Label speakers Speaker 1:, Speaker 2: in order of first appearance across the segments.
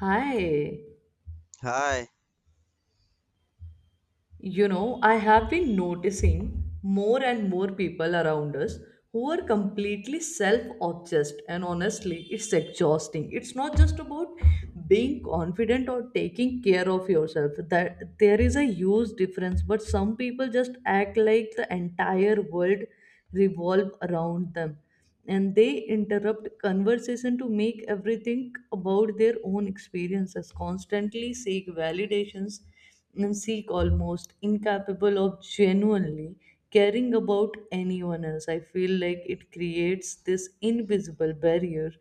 Speaker 1: Hi,
Speaker 2: Hi.
Speaker 1: you know, I have been noticing more and more people around us who are completely self obsessed, and honestly, it's exhausting. It's not just about being confident or taking care of yourself, that there is a huge difference, but some people just act like the entire world revolve around them and they interrupt conversation to make everything about their own experiences constantly seek validations and seek almost incapable of genuinely caring about anyone else. I feel like it creates this invisible barrier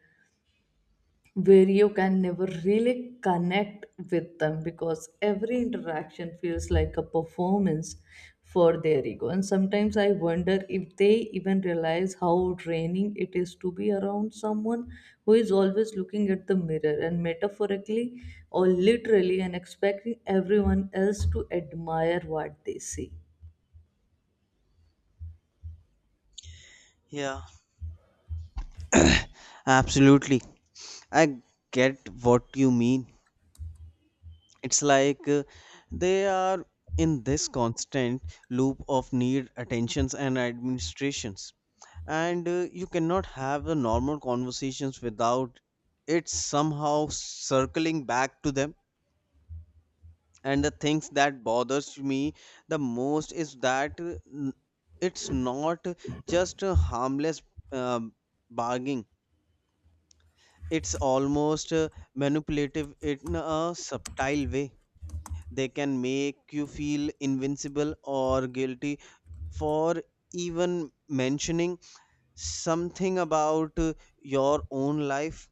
Speaker 1: where you can never really connect with them because every interaction feels like a performance for their ego. And sometimes I wonder if they even realize how draining it is to be around someone who is always looking at the mirror and metaphorically or literally and expecting everyone else to admire what they see.
Speaker 2: Yeah, absolutely. I get what you mean. It's like they are in this constant loop of need, attentions, and administrations. And you cannot have the normal conversations without it somehow circling back to them. And the things that bothers me the most is that it's not just a harmless um bargaining, it's almost manipulative in a subtle way. They can make you feel invincible or guilty for even mentioning something about your own life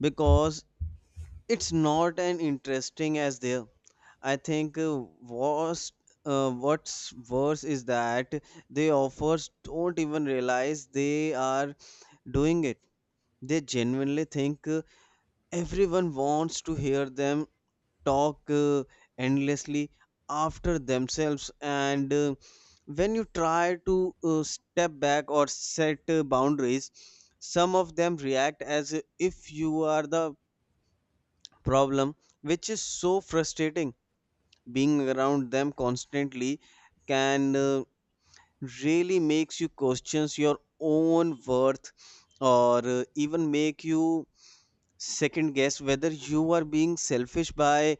Speaker 2: because it's not as interesting as their. I think what's worse is that the offers don't even realize they are doing it. They genuinely think everyone wants to hear them talk endlessly after themselves. And when you try to step back or set boundaries, some of them react as if you are the problem, which is so frustrating. Being around them constantly can really makes you questions your own worth, or even make you second guess whether you are being selfish by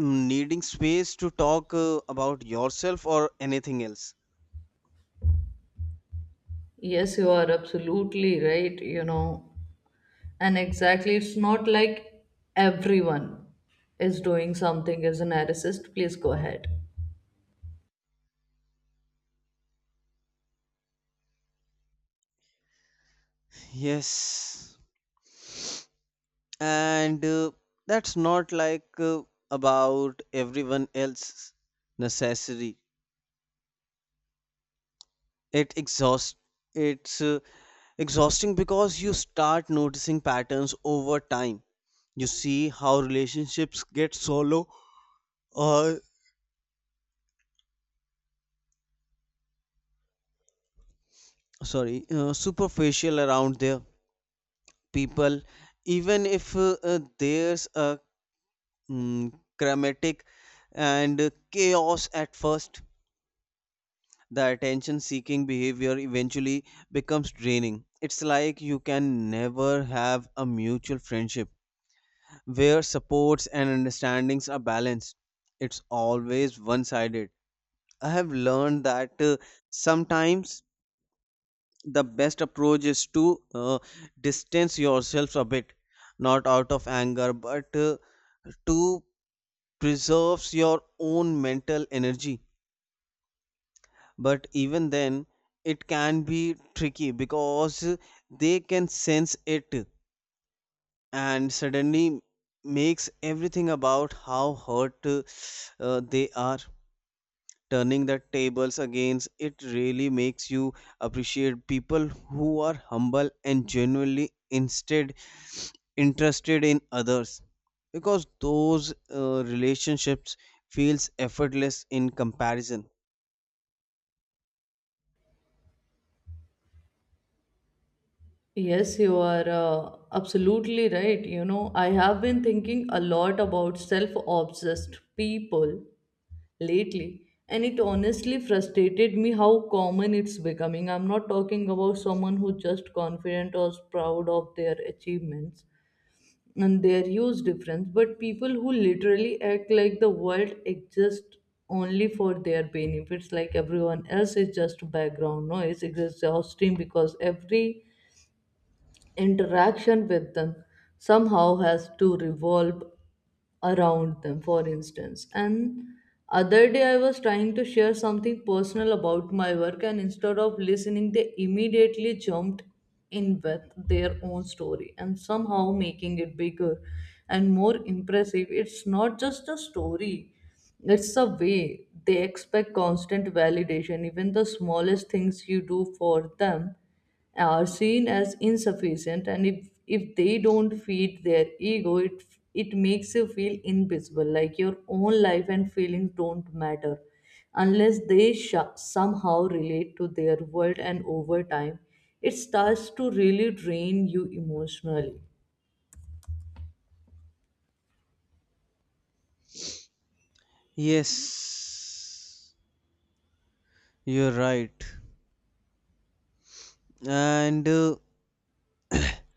Speaker 2: Needing space to talk about yourself or anything else.
Speaker 1: Yes, you are absolutely right. You know, and exactly, it's not like everyone is doing something as a narcissist. Please go ahead.
Speaker 2: Yes, and that's not like about everyone else necessary. it exhausts it's exhausting because you start noticing patterns over time. You see how relationships get solo, or sorry, superficial around their people, even if there's a mm, chromatic and chaos at first. The attention seeking behavior eventually becomes draining. It's like you can never have a mutual friendship where supports and understandings are balanced. It's always one sided. I have learned that sometimes the best approach is to distance yourself a bit, not out of anger, but to preserve your own mental energy. But even then, it can be tricky because they can sense it and suddenly makes everything about how hurt they are. Turning the tables against it really makes you appreciate people who are humble and genuinely instead interested in others, because those relationships feels effortless in comparison.
Speaker 1: Yes, you are absolutely right. You know, I have been thinking a lot about self obsessed people lately, and it honestly frustrated me how common it's becoming. I'm not talking about someone who's just confident or proud of their achievements, and their use difference, but people who literally act like the world exists only for their benefits, like everyone else is just background noise, is exhausting because every interaction with them somehow has to revolve around them. For instance, and other day I was trying to share something personal about my work and instead of listening they immediately jumped in with their own story and somehow making it bigger and more impressive. It's not just a story, it's a way they expect constant validation. Even the smallest things you do for them are seen as insufficient, and if they don't feed their ego, it makes you feel invisible, like your own life and feelings don't matter unless they somehow relate to their world, and over time it starts to really drain you emotionally.
Speaker 2: Yes, you're right, and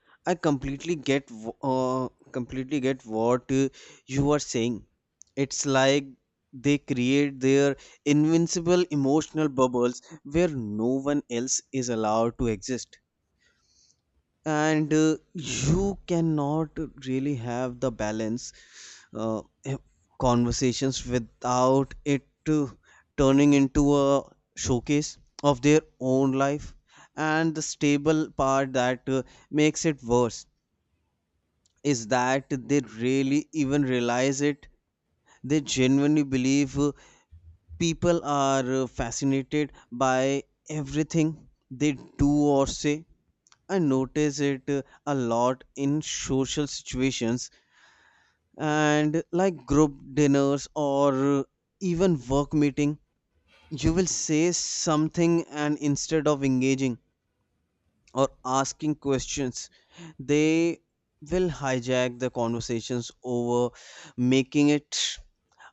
Speaker 2: I completely get wh- completely get what you are saying. It's like they create their invincible emotional bubbles where no one else is allowed to exist. And you cannot really have the balance uh, conversations without it turning into a showcase of their own life. And the stable part that makes it worse is that they really even realize it. They genuinely believe people are fascinated by everything they do or say. I notice it a lot in social situations, and like group dinners, or even work meeting. You will say something, and instead of engaging or asking questions, they will hijack the conversations over, making it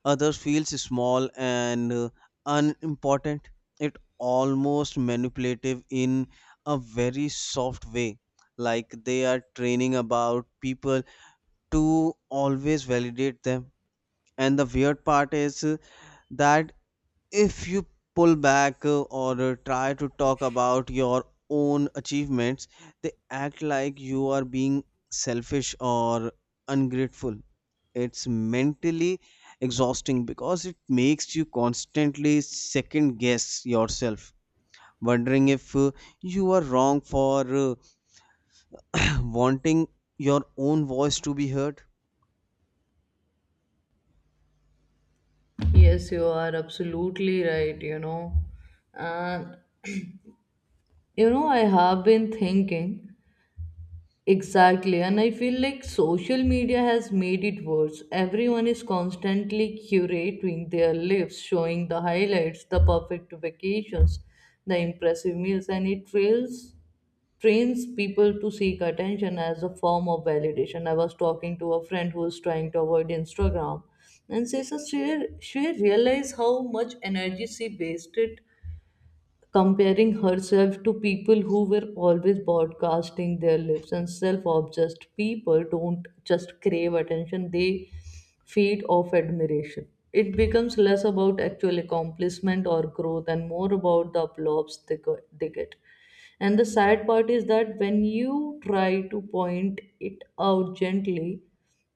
Speaker 2: others feels small and unimportant. It almost manipulative in a very soft way, like they are training about people to always validate them. And the weird part is that if you pull back, or try to talk about your own achievements, they act like you are being selfish or ungrateful. It's mentally exhausting because it makes you constantly second guess yourself, wondering if you are wrong for wanting your own voice to be heard.
Speaker 1: Yes, you are absolutely right, you know. And you know, I have been thinking. Exactly, and I feel like social media has made it worse. Everyone is constantly curating their lives, showing the highlights, the perfect vacations, the impressive meals, and it trains people to seek attention as a form of validation. I was talking to a friend who is trying to avoid Instagram, and she says she realized how much energy she wasted comparing herself to people who were always broadcasting their lives. And self-obsessed people don't just crave attention, they feed off admiration. It becomes less about actual accomplishment or growth and more about the applause they, they get. And the sad part is that when you try to point it out gently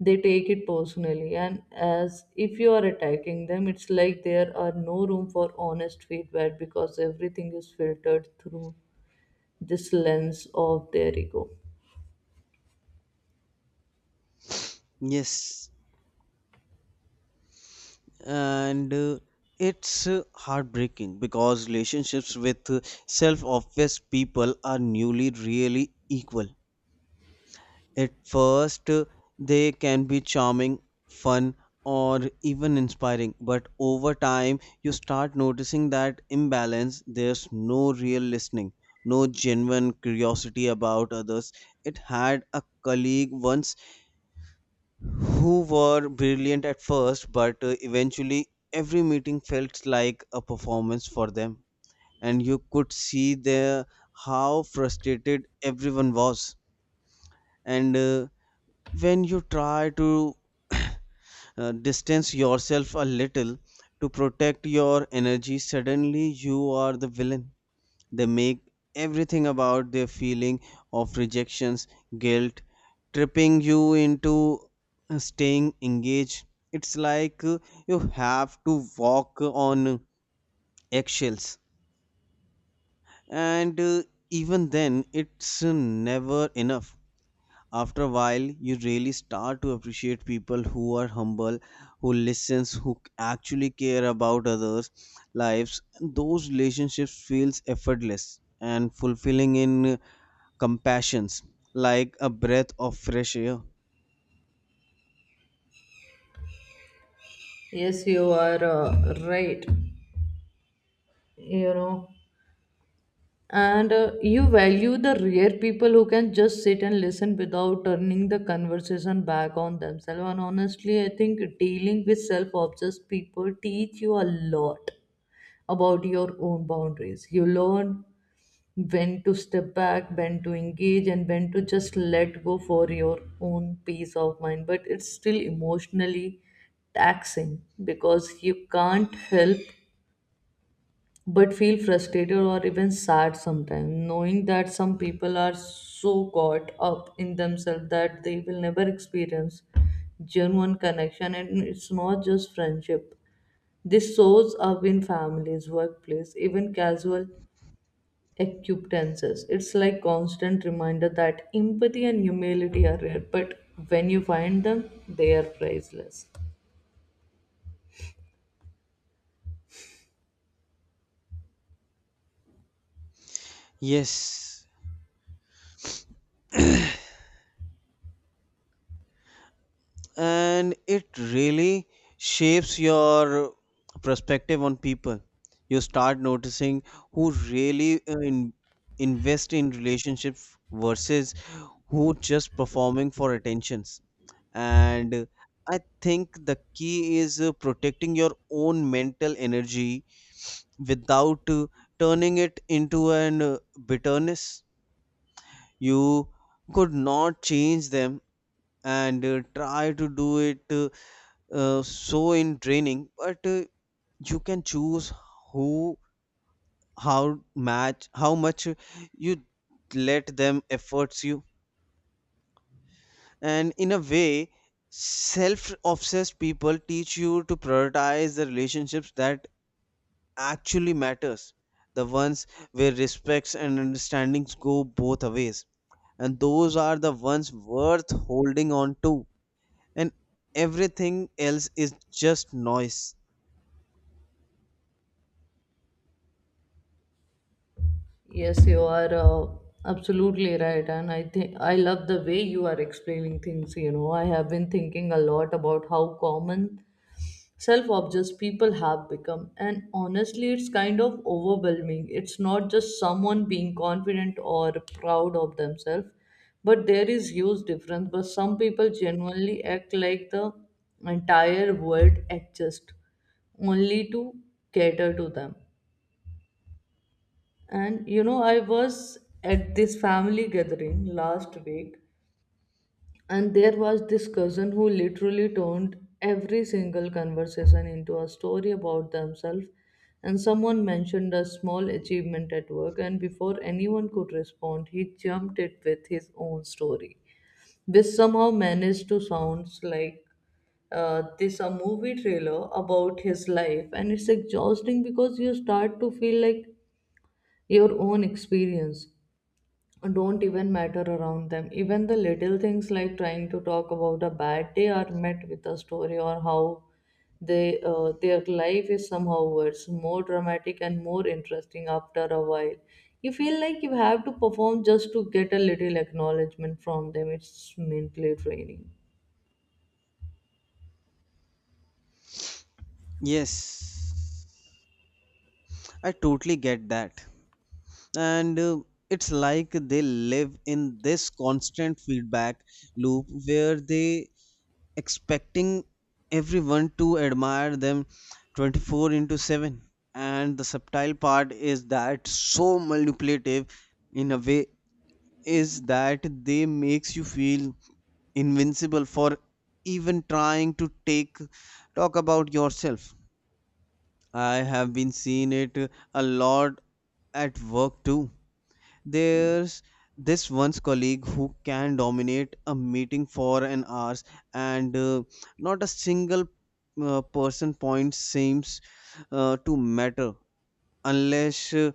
Speaker 1: they take it personally and as if you are attacking them. It's like there are no room for honest feedback because everything is filtered through this lens of their ego.
Speaker 2: Yes, and it's heartbreaking because relationships with self-obsessed people are newly really equal. At first, they can be charming, fun, or even inspiring, but over time, you start noticing that imbalance. There's no real listening, no genuine curiosity about others. It had a colleague once who were brilliant at first, but eventually, every meeting felt like a performance for them, and you could see there how frustrated everyone was. And when you try to uh, distance yourself a little to protect your energy, suddenly you are the villain. They make everything about their feeling of rejections, guilt tripping you into staying engaged. It's like you have to walk on eggshells, and even then it's never enough. After a while, you really start to appreciate people who are humble, who listens, who actually care about others lives. Those relationships feels effortless and fulfilling in compassions, like a breath of fresh air.
Speaker 1: Yes, you are right, you know. And you value the rare people who can just sit and listen without turning the conversation back on themselves. And honestly I think dealing with self-obsessed people teach you a lot about your own boundaries. You learn when to step back, when to engage, and when to just let go for your own peace of mind. But it's still emotionally taxing because you can't help but feel frustrated or even sad sometimes, knowing that some people are so caught up in themselves that they will never experience genuine connection. And it's not just friendship. This shows up in families, workplace, even casual acquaintances. It's like constant reminder that empathy and humility are rare, but when you find them, they are priceless.
Speaker 2: Yes, and it really shapes your perspective on people. You start noticing who really invest in relationships versus who just performing for attentions. And I think the key is protecting your own mental energy without turning it into an bitterness. You could not change them, and try to do it so in training, but you can choose who how how much you let them efforts you. And in a way, self-obsessed people teach you to prioritize the relationships that actually matters, the ones where respects and understandings go both ways, and those are the ones worth holding on to. And everything else is just noise.
Speaker 1: Yes, you are absolutely right, and I think I love the way you are explaining things. You know, I have been thinking a lot about how common self obsessed people have become. And honestly, it's kind of overwhelming. It's not just someone being confident or proud of themselves, but there is huge difference. But some people genuinely act like the entire world exists only to cater to them. And you know, I was at this family gathering last week and there was this cousin who literally turned every single conversation into a story about themselves. And someone mentioned a small achievement at work, and before anyone could respond, he jumped it with his own story, which somehow managed to sound like this a movie trailer about his life. And it's exhausting because you start to feel like your own experience don't even matter around them. Even the little things like trying to talk about a bad day are met with a story or how they their life is somehow worse, more dramatic and more interesting. After a while, you feel like you have to perform just to get a little acknowledgement from them. It's mentally draining.
Speaker 2: Yes, I totally get that. And it's like they live in this constant feedback loop where they expecting everyone to admire them 24 into 7. And the subtle part is that so manipulative in a way, is that they makes you feel invincible for even trying to take talk about yourself. I have been seeing it a lot at work too. There's this one's colleague who can dominate a meeting for an hour, and not a single person point seems to matter unless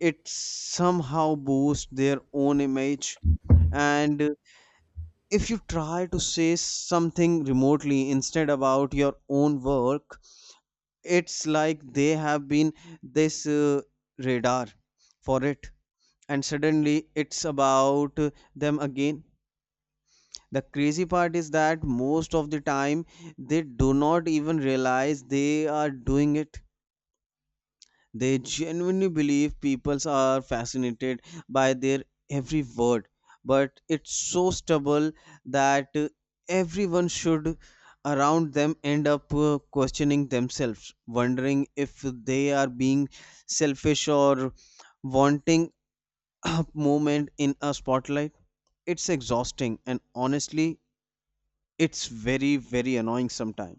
Speaker 2: it somehow boosts their own image. And if you try to say something remotely instead about your own work, it's like they have been this radar for it, and suddenly it's about them again. The crazy part is that most of the time they do not even realize they are doing it. They genuinely believe people are fascinated by their every word, but it's so stubble that everyone should around them end up questioning themselves, wondering if they are being selfish or wanting a moment in a spotlight. It's exhausting, and honestly, it's very, very annoying sometimes.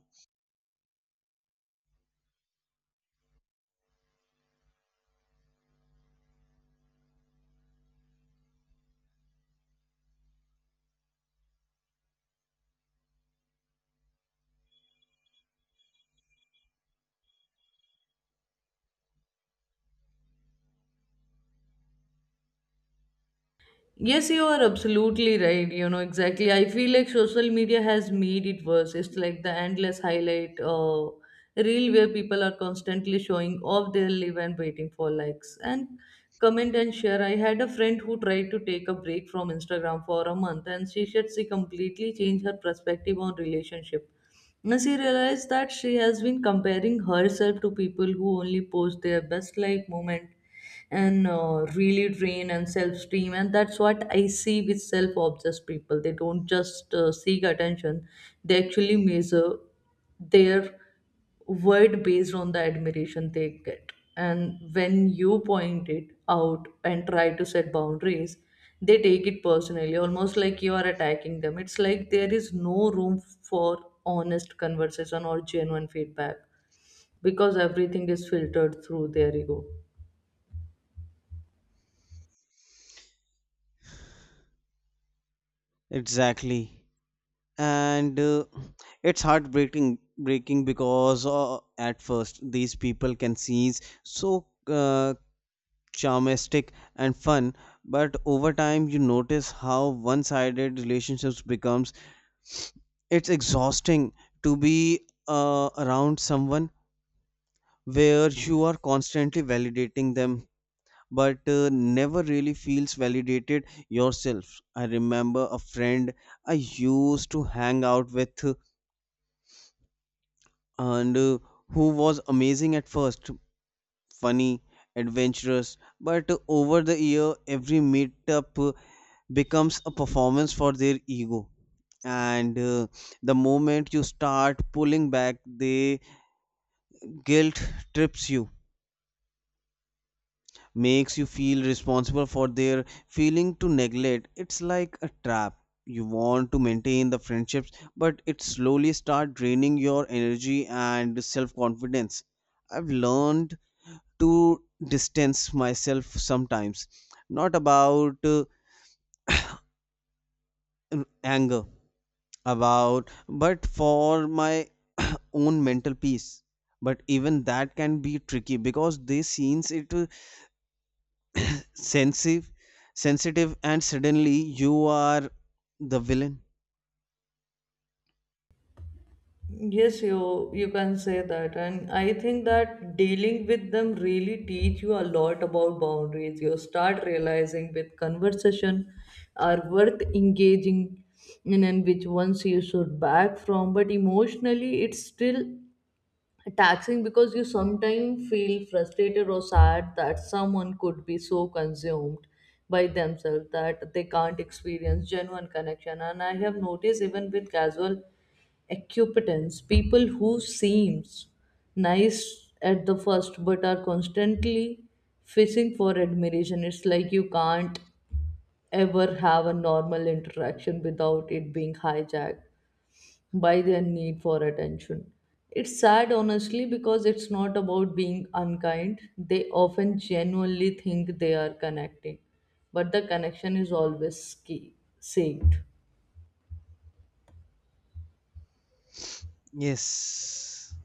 Speaker 1: Yes, you are absolutely right. You know, exactly. I feel like social media has made it worse. It's like the endless highlight reel where people are constantly showing off their live and waiting for likes and comment and share. I had a friend who tried to take a break from Instagram for a month and she said she completely changed her perspective on relationship. Now she realized that she has been comparing herself to people who only post their best life moment and really drain and self-esteem. And that's what I see with self-obsessed people. They don't just seek attention, they actually measure their worth based on the admiration they get. And when you point it out and try to set boundaries they take it personally, almost like you are attacking them. It's like there is no room for honest conversation or genuine feedback because everything is filtered through their ego.
Speaker 2: Exactly. And it's heartbreaking breaking because at first these people can seem so charmistic and fun, but over time you notice how one-sided relationships becomes. It's exhausting to be around someone where you are constantly validating them, but never really feels validated yourself. I remember a friend I used to hang out with, and who was amazing at first, funny, adventurous, but over the year every meetup becomes a performance for their ego. And the moment you start pulling back, the guilt trips you, makes you feel responsible for their feeling to neglect. It's like a trap. You want to maintain the friendships, but it slowly start draining your energy and self confidence. I've learned to distance myself sometimes, not about anger about, but for my own mental peace. But even that can be tricky because they scenes it, uh, sensitive sensitive, and suddenly you are the villain.
Speaker 1: Yes, you can say that, and I think that dealing with them really teach you a lot about boundaries. You start realizing with conversation are worth engaging in and which ones you should back from. But emotionally, it's still taxing because you sometimes feel frustrated or sad that someone could be so consumed by themselves that they can't experience genuine connection. And I have noticed even with casual occupants, people who seems nice at the first but are constantly fishing for admiration. It's like you can't ever have a normal interaction without it being hijacked by their need for attention. It's sad, honestly, because it's not about being unkind. They often genuinely think they are connecting, but the connection is always saved.
Speaker 2: Yes,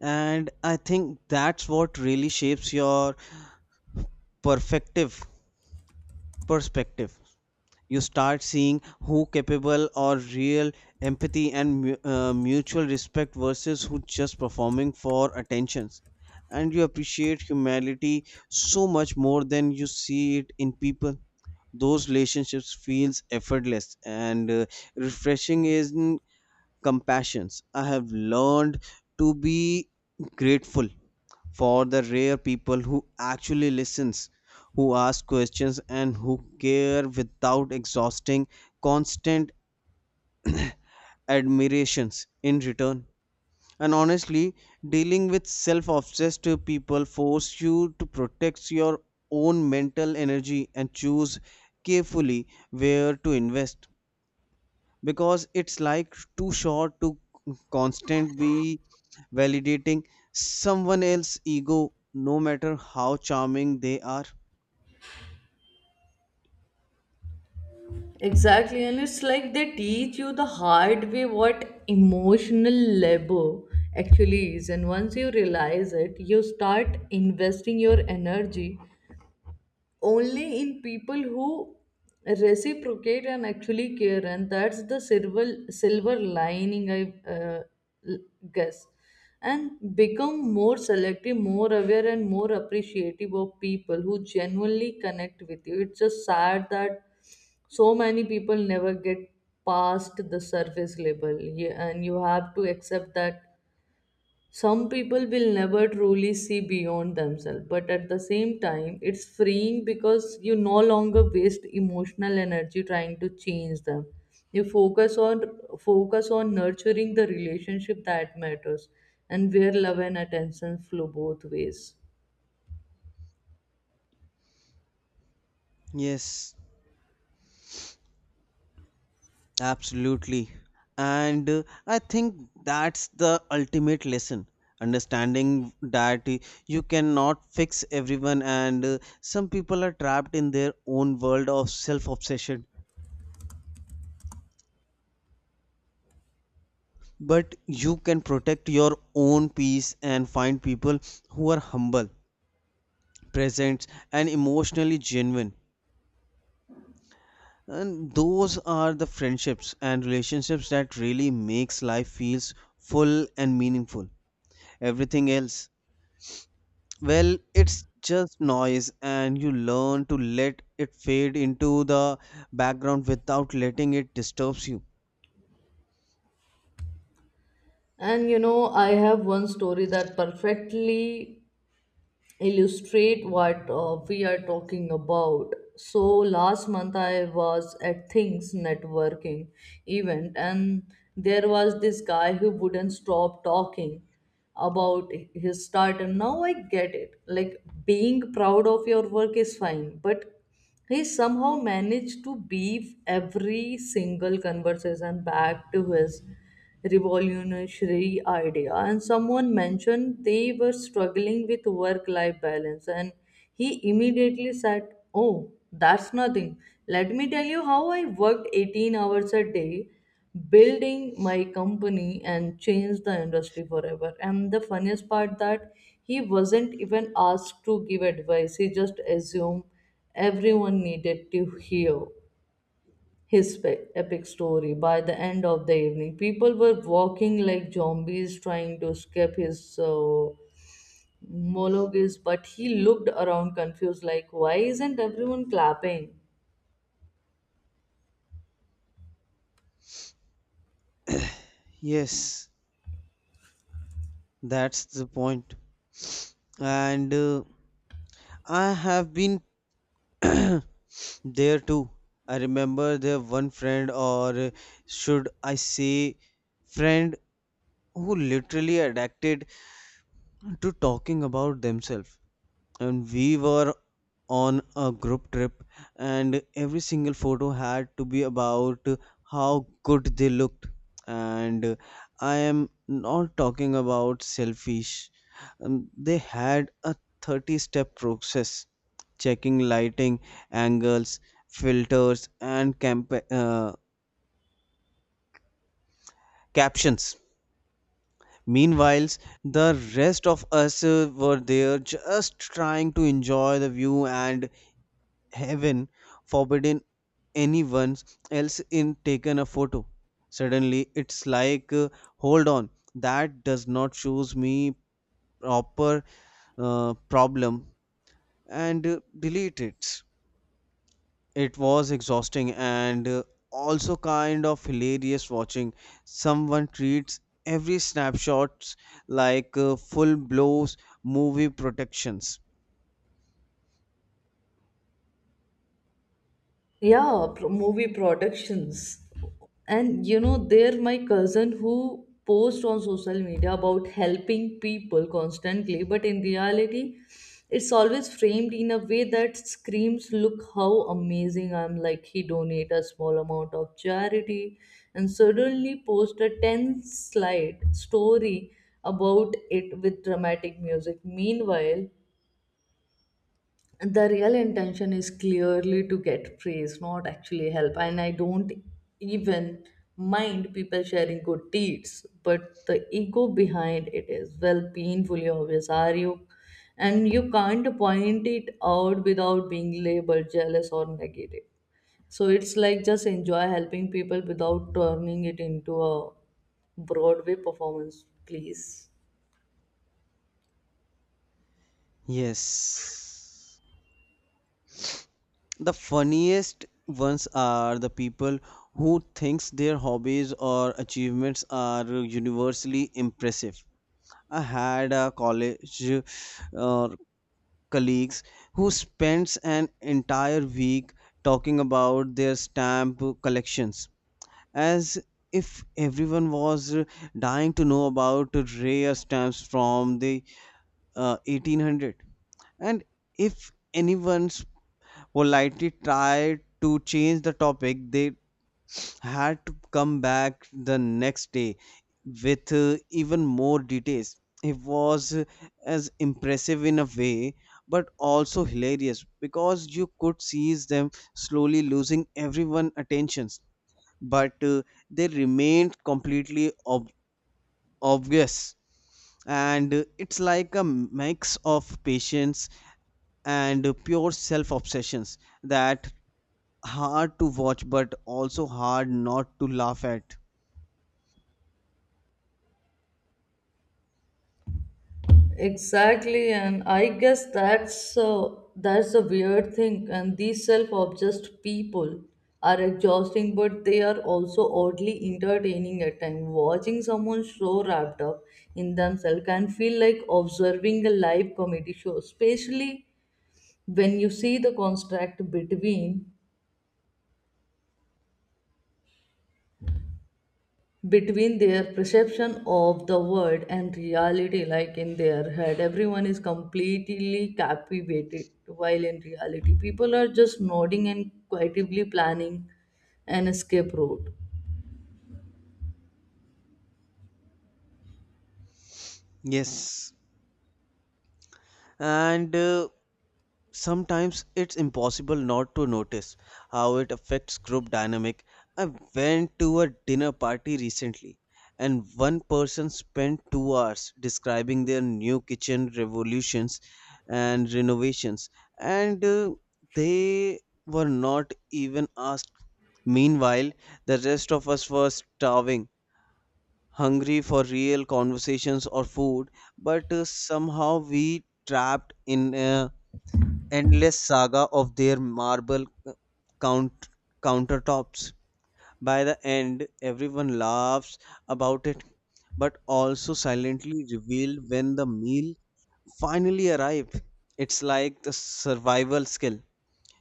Speaker 2: and I think that's what really shapes your perspective perspective. You start seeing who capable or real empathy and mutual respect versus who just performing for attentions. And you appreciate humanity so much more than you see it in people. Those relationships feels effortless and refreshing is in compassions. I have learned to be grateful for the rare people who actually listens, who ask questions, and who care without exhausting constant admirations in return. And honestly, dealing with self-obsessed people force you to protect your own mental energy and choose carefully where to invest, because it's like too short to constant be validating someone else's ego, no matter how charming they are.
Speaker 1: Exactly, and it's like they teach you the hard way what emotional labor actually is. And once you realize it, you start investing your energy only in people who reciprocate and actually care. And that's the silver lining, I l- guess, and become more selective, more aware and more appreciative of people who genuinely connect with you. It's just sad that so many people never get past the surface level. Yeah, and you have to accept that some people will never truly see beyond themselves, but at the same time, it's freeing because you no longer waste emotional energy trying to change them. You focus on nurturing the relationship that matters and where love and attention flow both ways.
Speaker 2: Yes, absolutely. And I think that's the ultimate lesson. Understanding that you cannot fix everyone, and some people are trapped in their own world of self obsession. But you can protect your own peace and find people who are humble, present, and emotionally genuine. And those are the friendships and relationships that really makes life feels full and meaningful. Everything else, well, it's just noise, and you learn to let it fade into the background without letting it disturbs you.
Speaker 1: And you know, I have one story that perfectly illustrate what we are talking about. So last month I was at Things networking event and there was this guy who wouldn't stop talking about his start and now I get it. Like being proud of your work is fine, but he somehow managed to beef every single conversation back to his revolutionary idea. And someone mentioned they were struggling with work life balance, and he immediately said, "Oh, that's nothing. Let me tell you how I worked 18 hours a day building my company and change the industry forever." And the funniest part that he wasn't even asked to give advice, he just assumed everyone needed to hear his epic story. By the end of the evening people were walking like zombies trying to escape his monologues, but he looked around confused like why isn't everyone clapping.
Speaker 2: Yes, that's the point. And I have been there too. I remember there one friend, or should I say, friend, who literally addicted to talking about themselves. And we were on a group trip, and every single photo had to be about how good they looked. And I am not talking about selfish, they had a 30 step process, checking lighting, angles, filters, and captions. Meanwhile, the rest of us were there just trying to enjoy the view, and heaven forbidden anyone else in taken a photo, suddenly it's like, hold on, that does not shows me proper problem, and delete it. It was exhausting and also kind of hilarious watching someone treats every snapshots like full blows movie protections.
Speaker 1: Yeah, movie productions. And you know there my cousin who posts on social media about helping people constantly but in reality it's always framed in a way that screams look how amazing I'm, like he donate a small amount of charity and suddenly post a 10 slide story about it with dramatic music, meanwhile. And the real intention is clearly to get praise, not actually help. And I don't even mind people sharing good deeds, but the ego behind it is well painfully obvious. Are you? And you can't point it out without being labeled jealous or negative. So it's like, just enjoy helping people without turning it into a Broadway performance, please.
Speaker 2: Yes, the funniest ones are the people who thinks their hobbies or achievements are universally impressive. I had a college, uh, colleagues, who spends an entire week talking about their stamp collections, as if everyone was dying to know about rare stamps from the 1800. And if anyone politely tried to change the topic, they had to come back the next day with even more details. It was as impressive in a way, but also hilarious because you could see them slowly losing everyone' attentions, but they remained completely obvious. And it's like a mix of patience and pure self obsessions that hard to watch but also hard not to laugh at.
Speaker 1: Exactly, and I guess that's a weird thing. And these self-obsessed people are exhausting, but they are also oddly entertaining at times. Watching someone so wrapped up in themselves can feel like observing a live comedy show, especially when you see the contrast between their perception of the world and reality. Like in their head everyone is completely captivated, while in reality people are just nodding and quietly planning an escape route.
Speaker 2: Yes, and sometimes it's impossible not to notice how it affects group dynamic. I went to a dinner party recently, and one person spent 2 hours describing their new kitchen revolutions and renovations, and they were not even asked. Meanwhile, the rest of us were starving hungry for real conversations or food, but somehow we trapped in a endless saga of their marble count countertops. By the end, everyone laughs about it, but also silently revealed when the meal finally arrived. It's like the survival skill.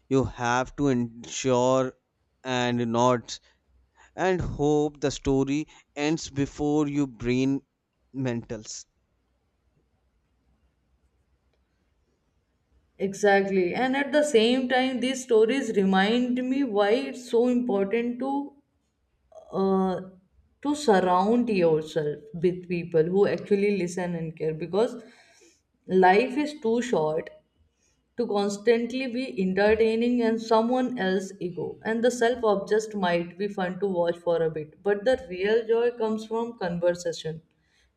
Speaker 2: You have to ensure and not, and hope the story ends before your brain mentals.
Speaker 1: Exactly, and at the same time these stories remind me why it's so important uh, to surround yourself with people who actually listen and care, because life is too short to constantly be entertaining and someone else's ego. And the self obsessed might be fun to watch for a bit, but the real joy comes from conversation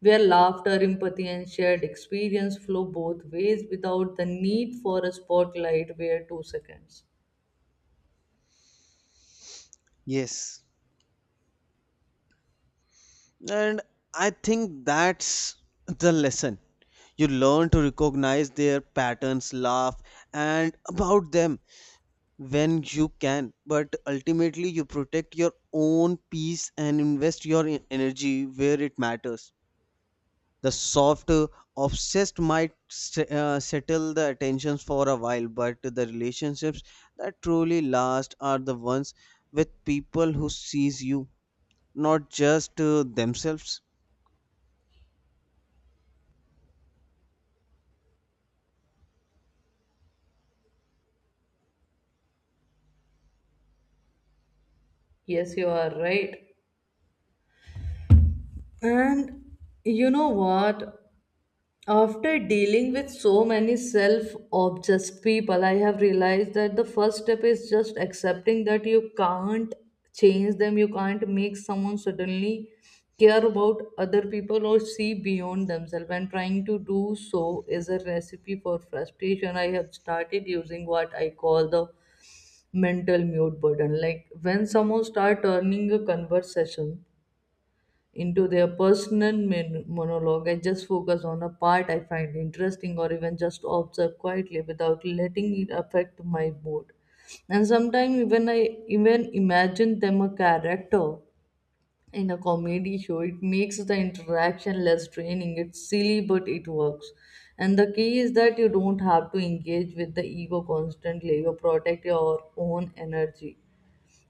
Speaker 1: where laughter, empathy, and shared experience flow both ways without the need for a spotlight where 2 seconds.
Speaker 2: Yes. And I think that's the lesson. You learn to recognize their patterns, laugh, and about them when you can. But ultimately, you protect your own peace and invest your energy where it matters. The soft obsessed might settle the attentions for a while, but the relationships that truly last are the ones with people who sees you, not just themselves.
Speaker 1: Yes, you are right. And you know what? After dealing with so many self obsessed people, I have realized that the first step is just accepting that you can't change them. You can't make someone suddenly care about other people or see beyond themselves. And trying to do so is a recipe for frustration. I have started using what I call the mental mute button. Like when someone starts turning a conversation into their personal monologue, I just focus on a part I find interesting or even just observe quietly without letting it affect my mood. And sometimes even I even imagine them a character in a comedy show, it makes the interaction less draining. It's silly but it works. And the key is that you don't have to engage with the ego constantly. You protect your own energy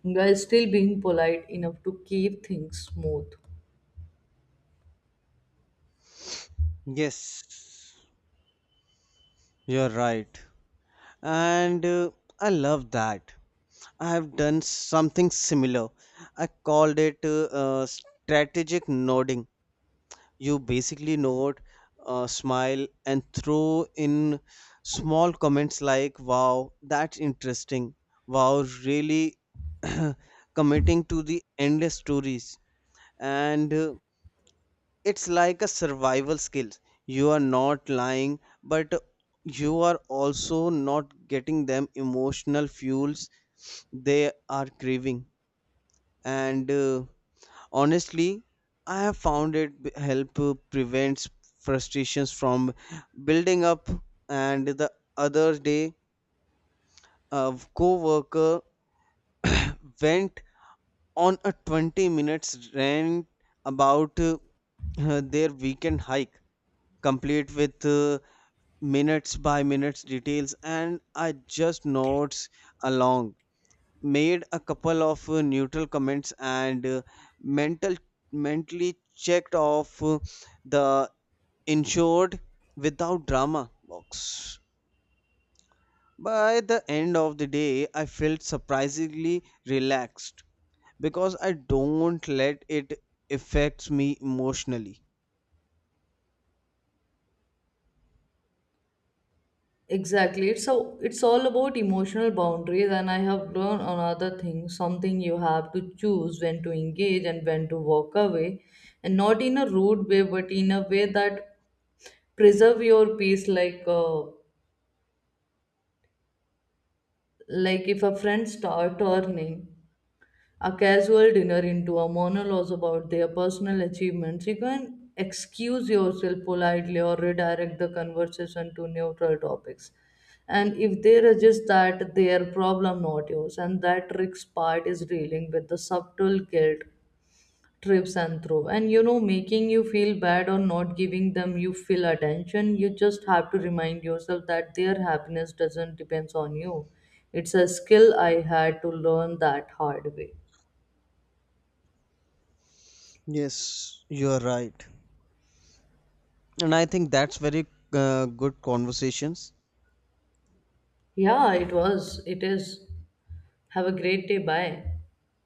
Speaker 1: while still being polite enough to keep things smooth.
Speaker 2: Yes, you're right. And I love that. I have done something similar. I called it strategic nodding. You basically note, smile, and throw in small comments like, wow, that's interesting. Wow, really, committing to the endless stories. And it's like a survival skill. You are not lying, but you are also not getting them emotional fuels they are craving. And honestly, I have found it help prevents frustrations from building up. And the other day, a coworker went on a 20 minutes rant about their weekend hike, complete with minutes by minutes details, and I just nods along, made a couple of neutral comments, and mental mentally checked off the insured without drama box. By the end of the day, I felt surprisingly relaxed because I don't let it affect me emotionally.
Speaker 1: Exactly. It's so it's all about emotional boundaries. And I have learned another thing, something you have to choose when to engage and when to walk away, and not in a rude way but in a way that preserve your peace. Like like if a friend start turning a casual dinner into a monologue about their personal achievements, you can excuse yourself politely or redirect the conversation to neutral topics. And if they resist that, their problem, not yours. And that trick's part is dealing with the subtle guilt trips and through. And you know, making you feel bad or not giving them you feel attention, you just have to remind yourself that their happiness doesn't depends on you. It's a skill I had to learn that hard way.
Speaker 2: Yes, you are right. And I think that's very good conversations.
Speaker 1: Yeah, it was. It is. Have a great day. Bye.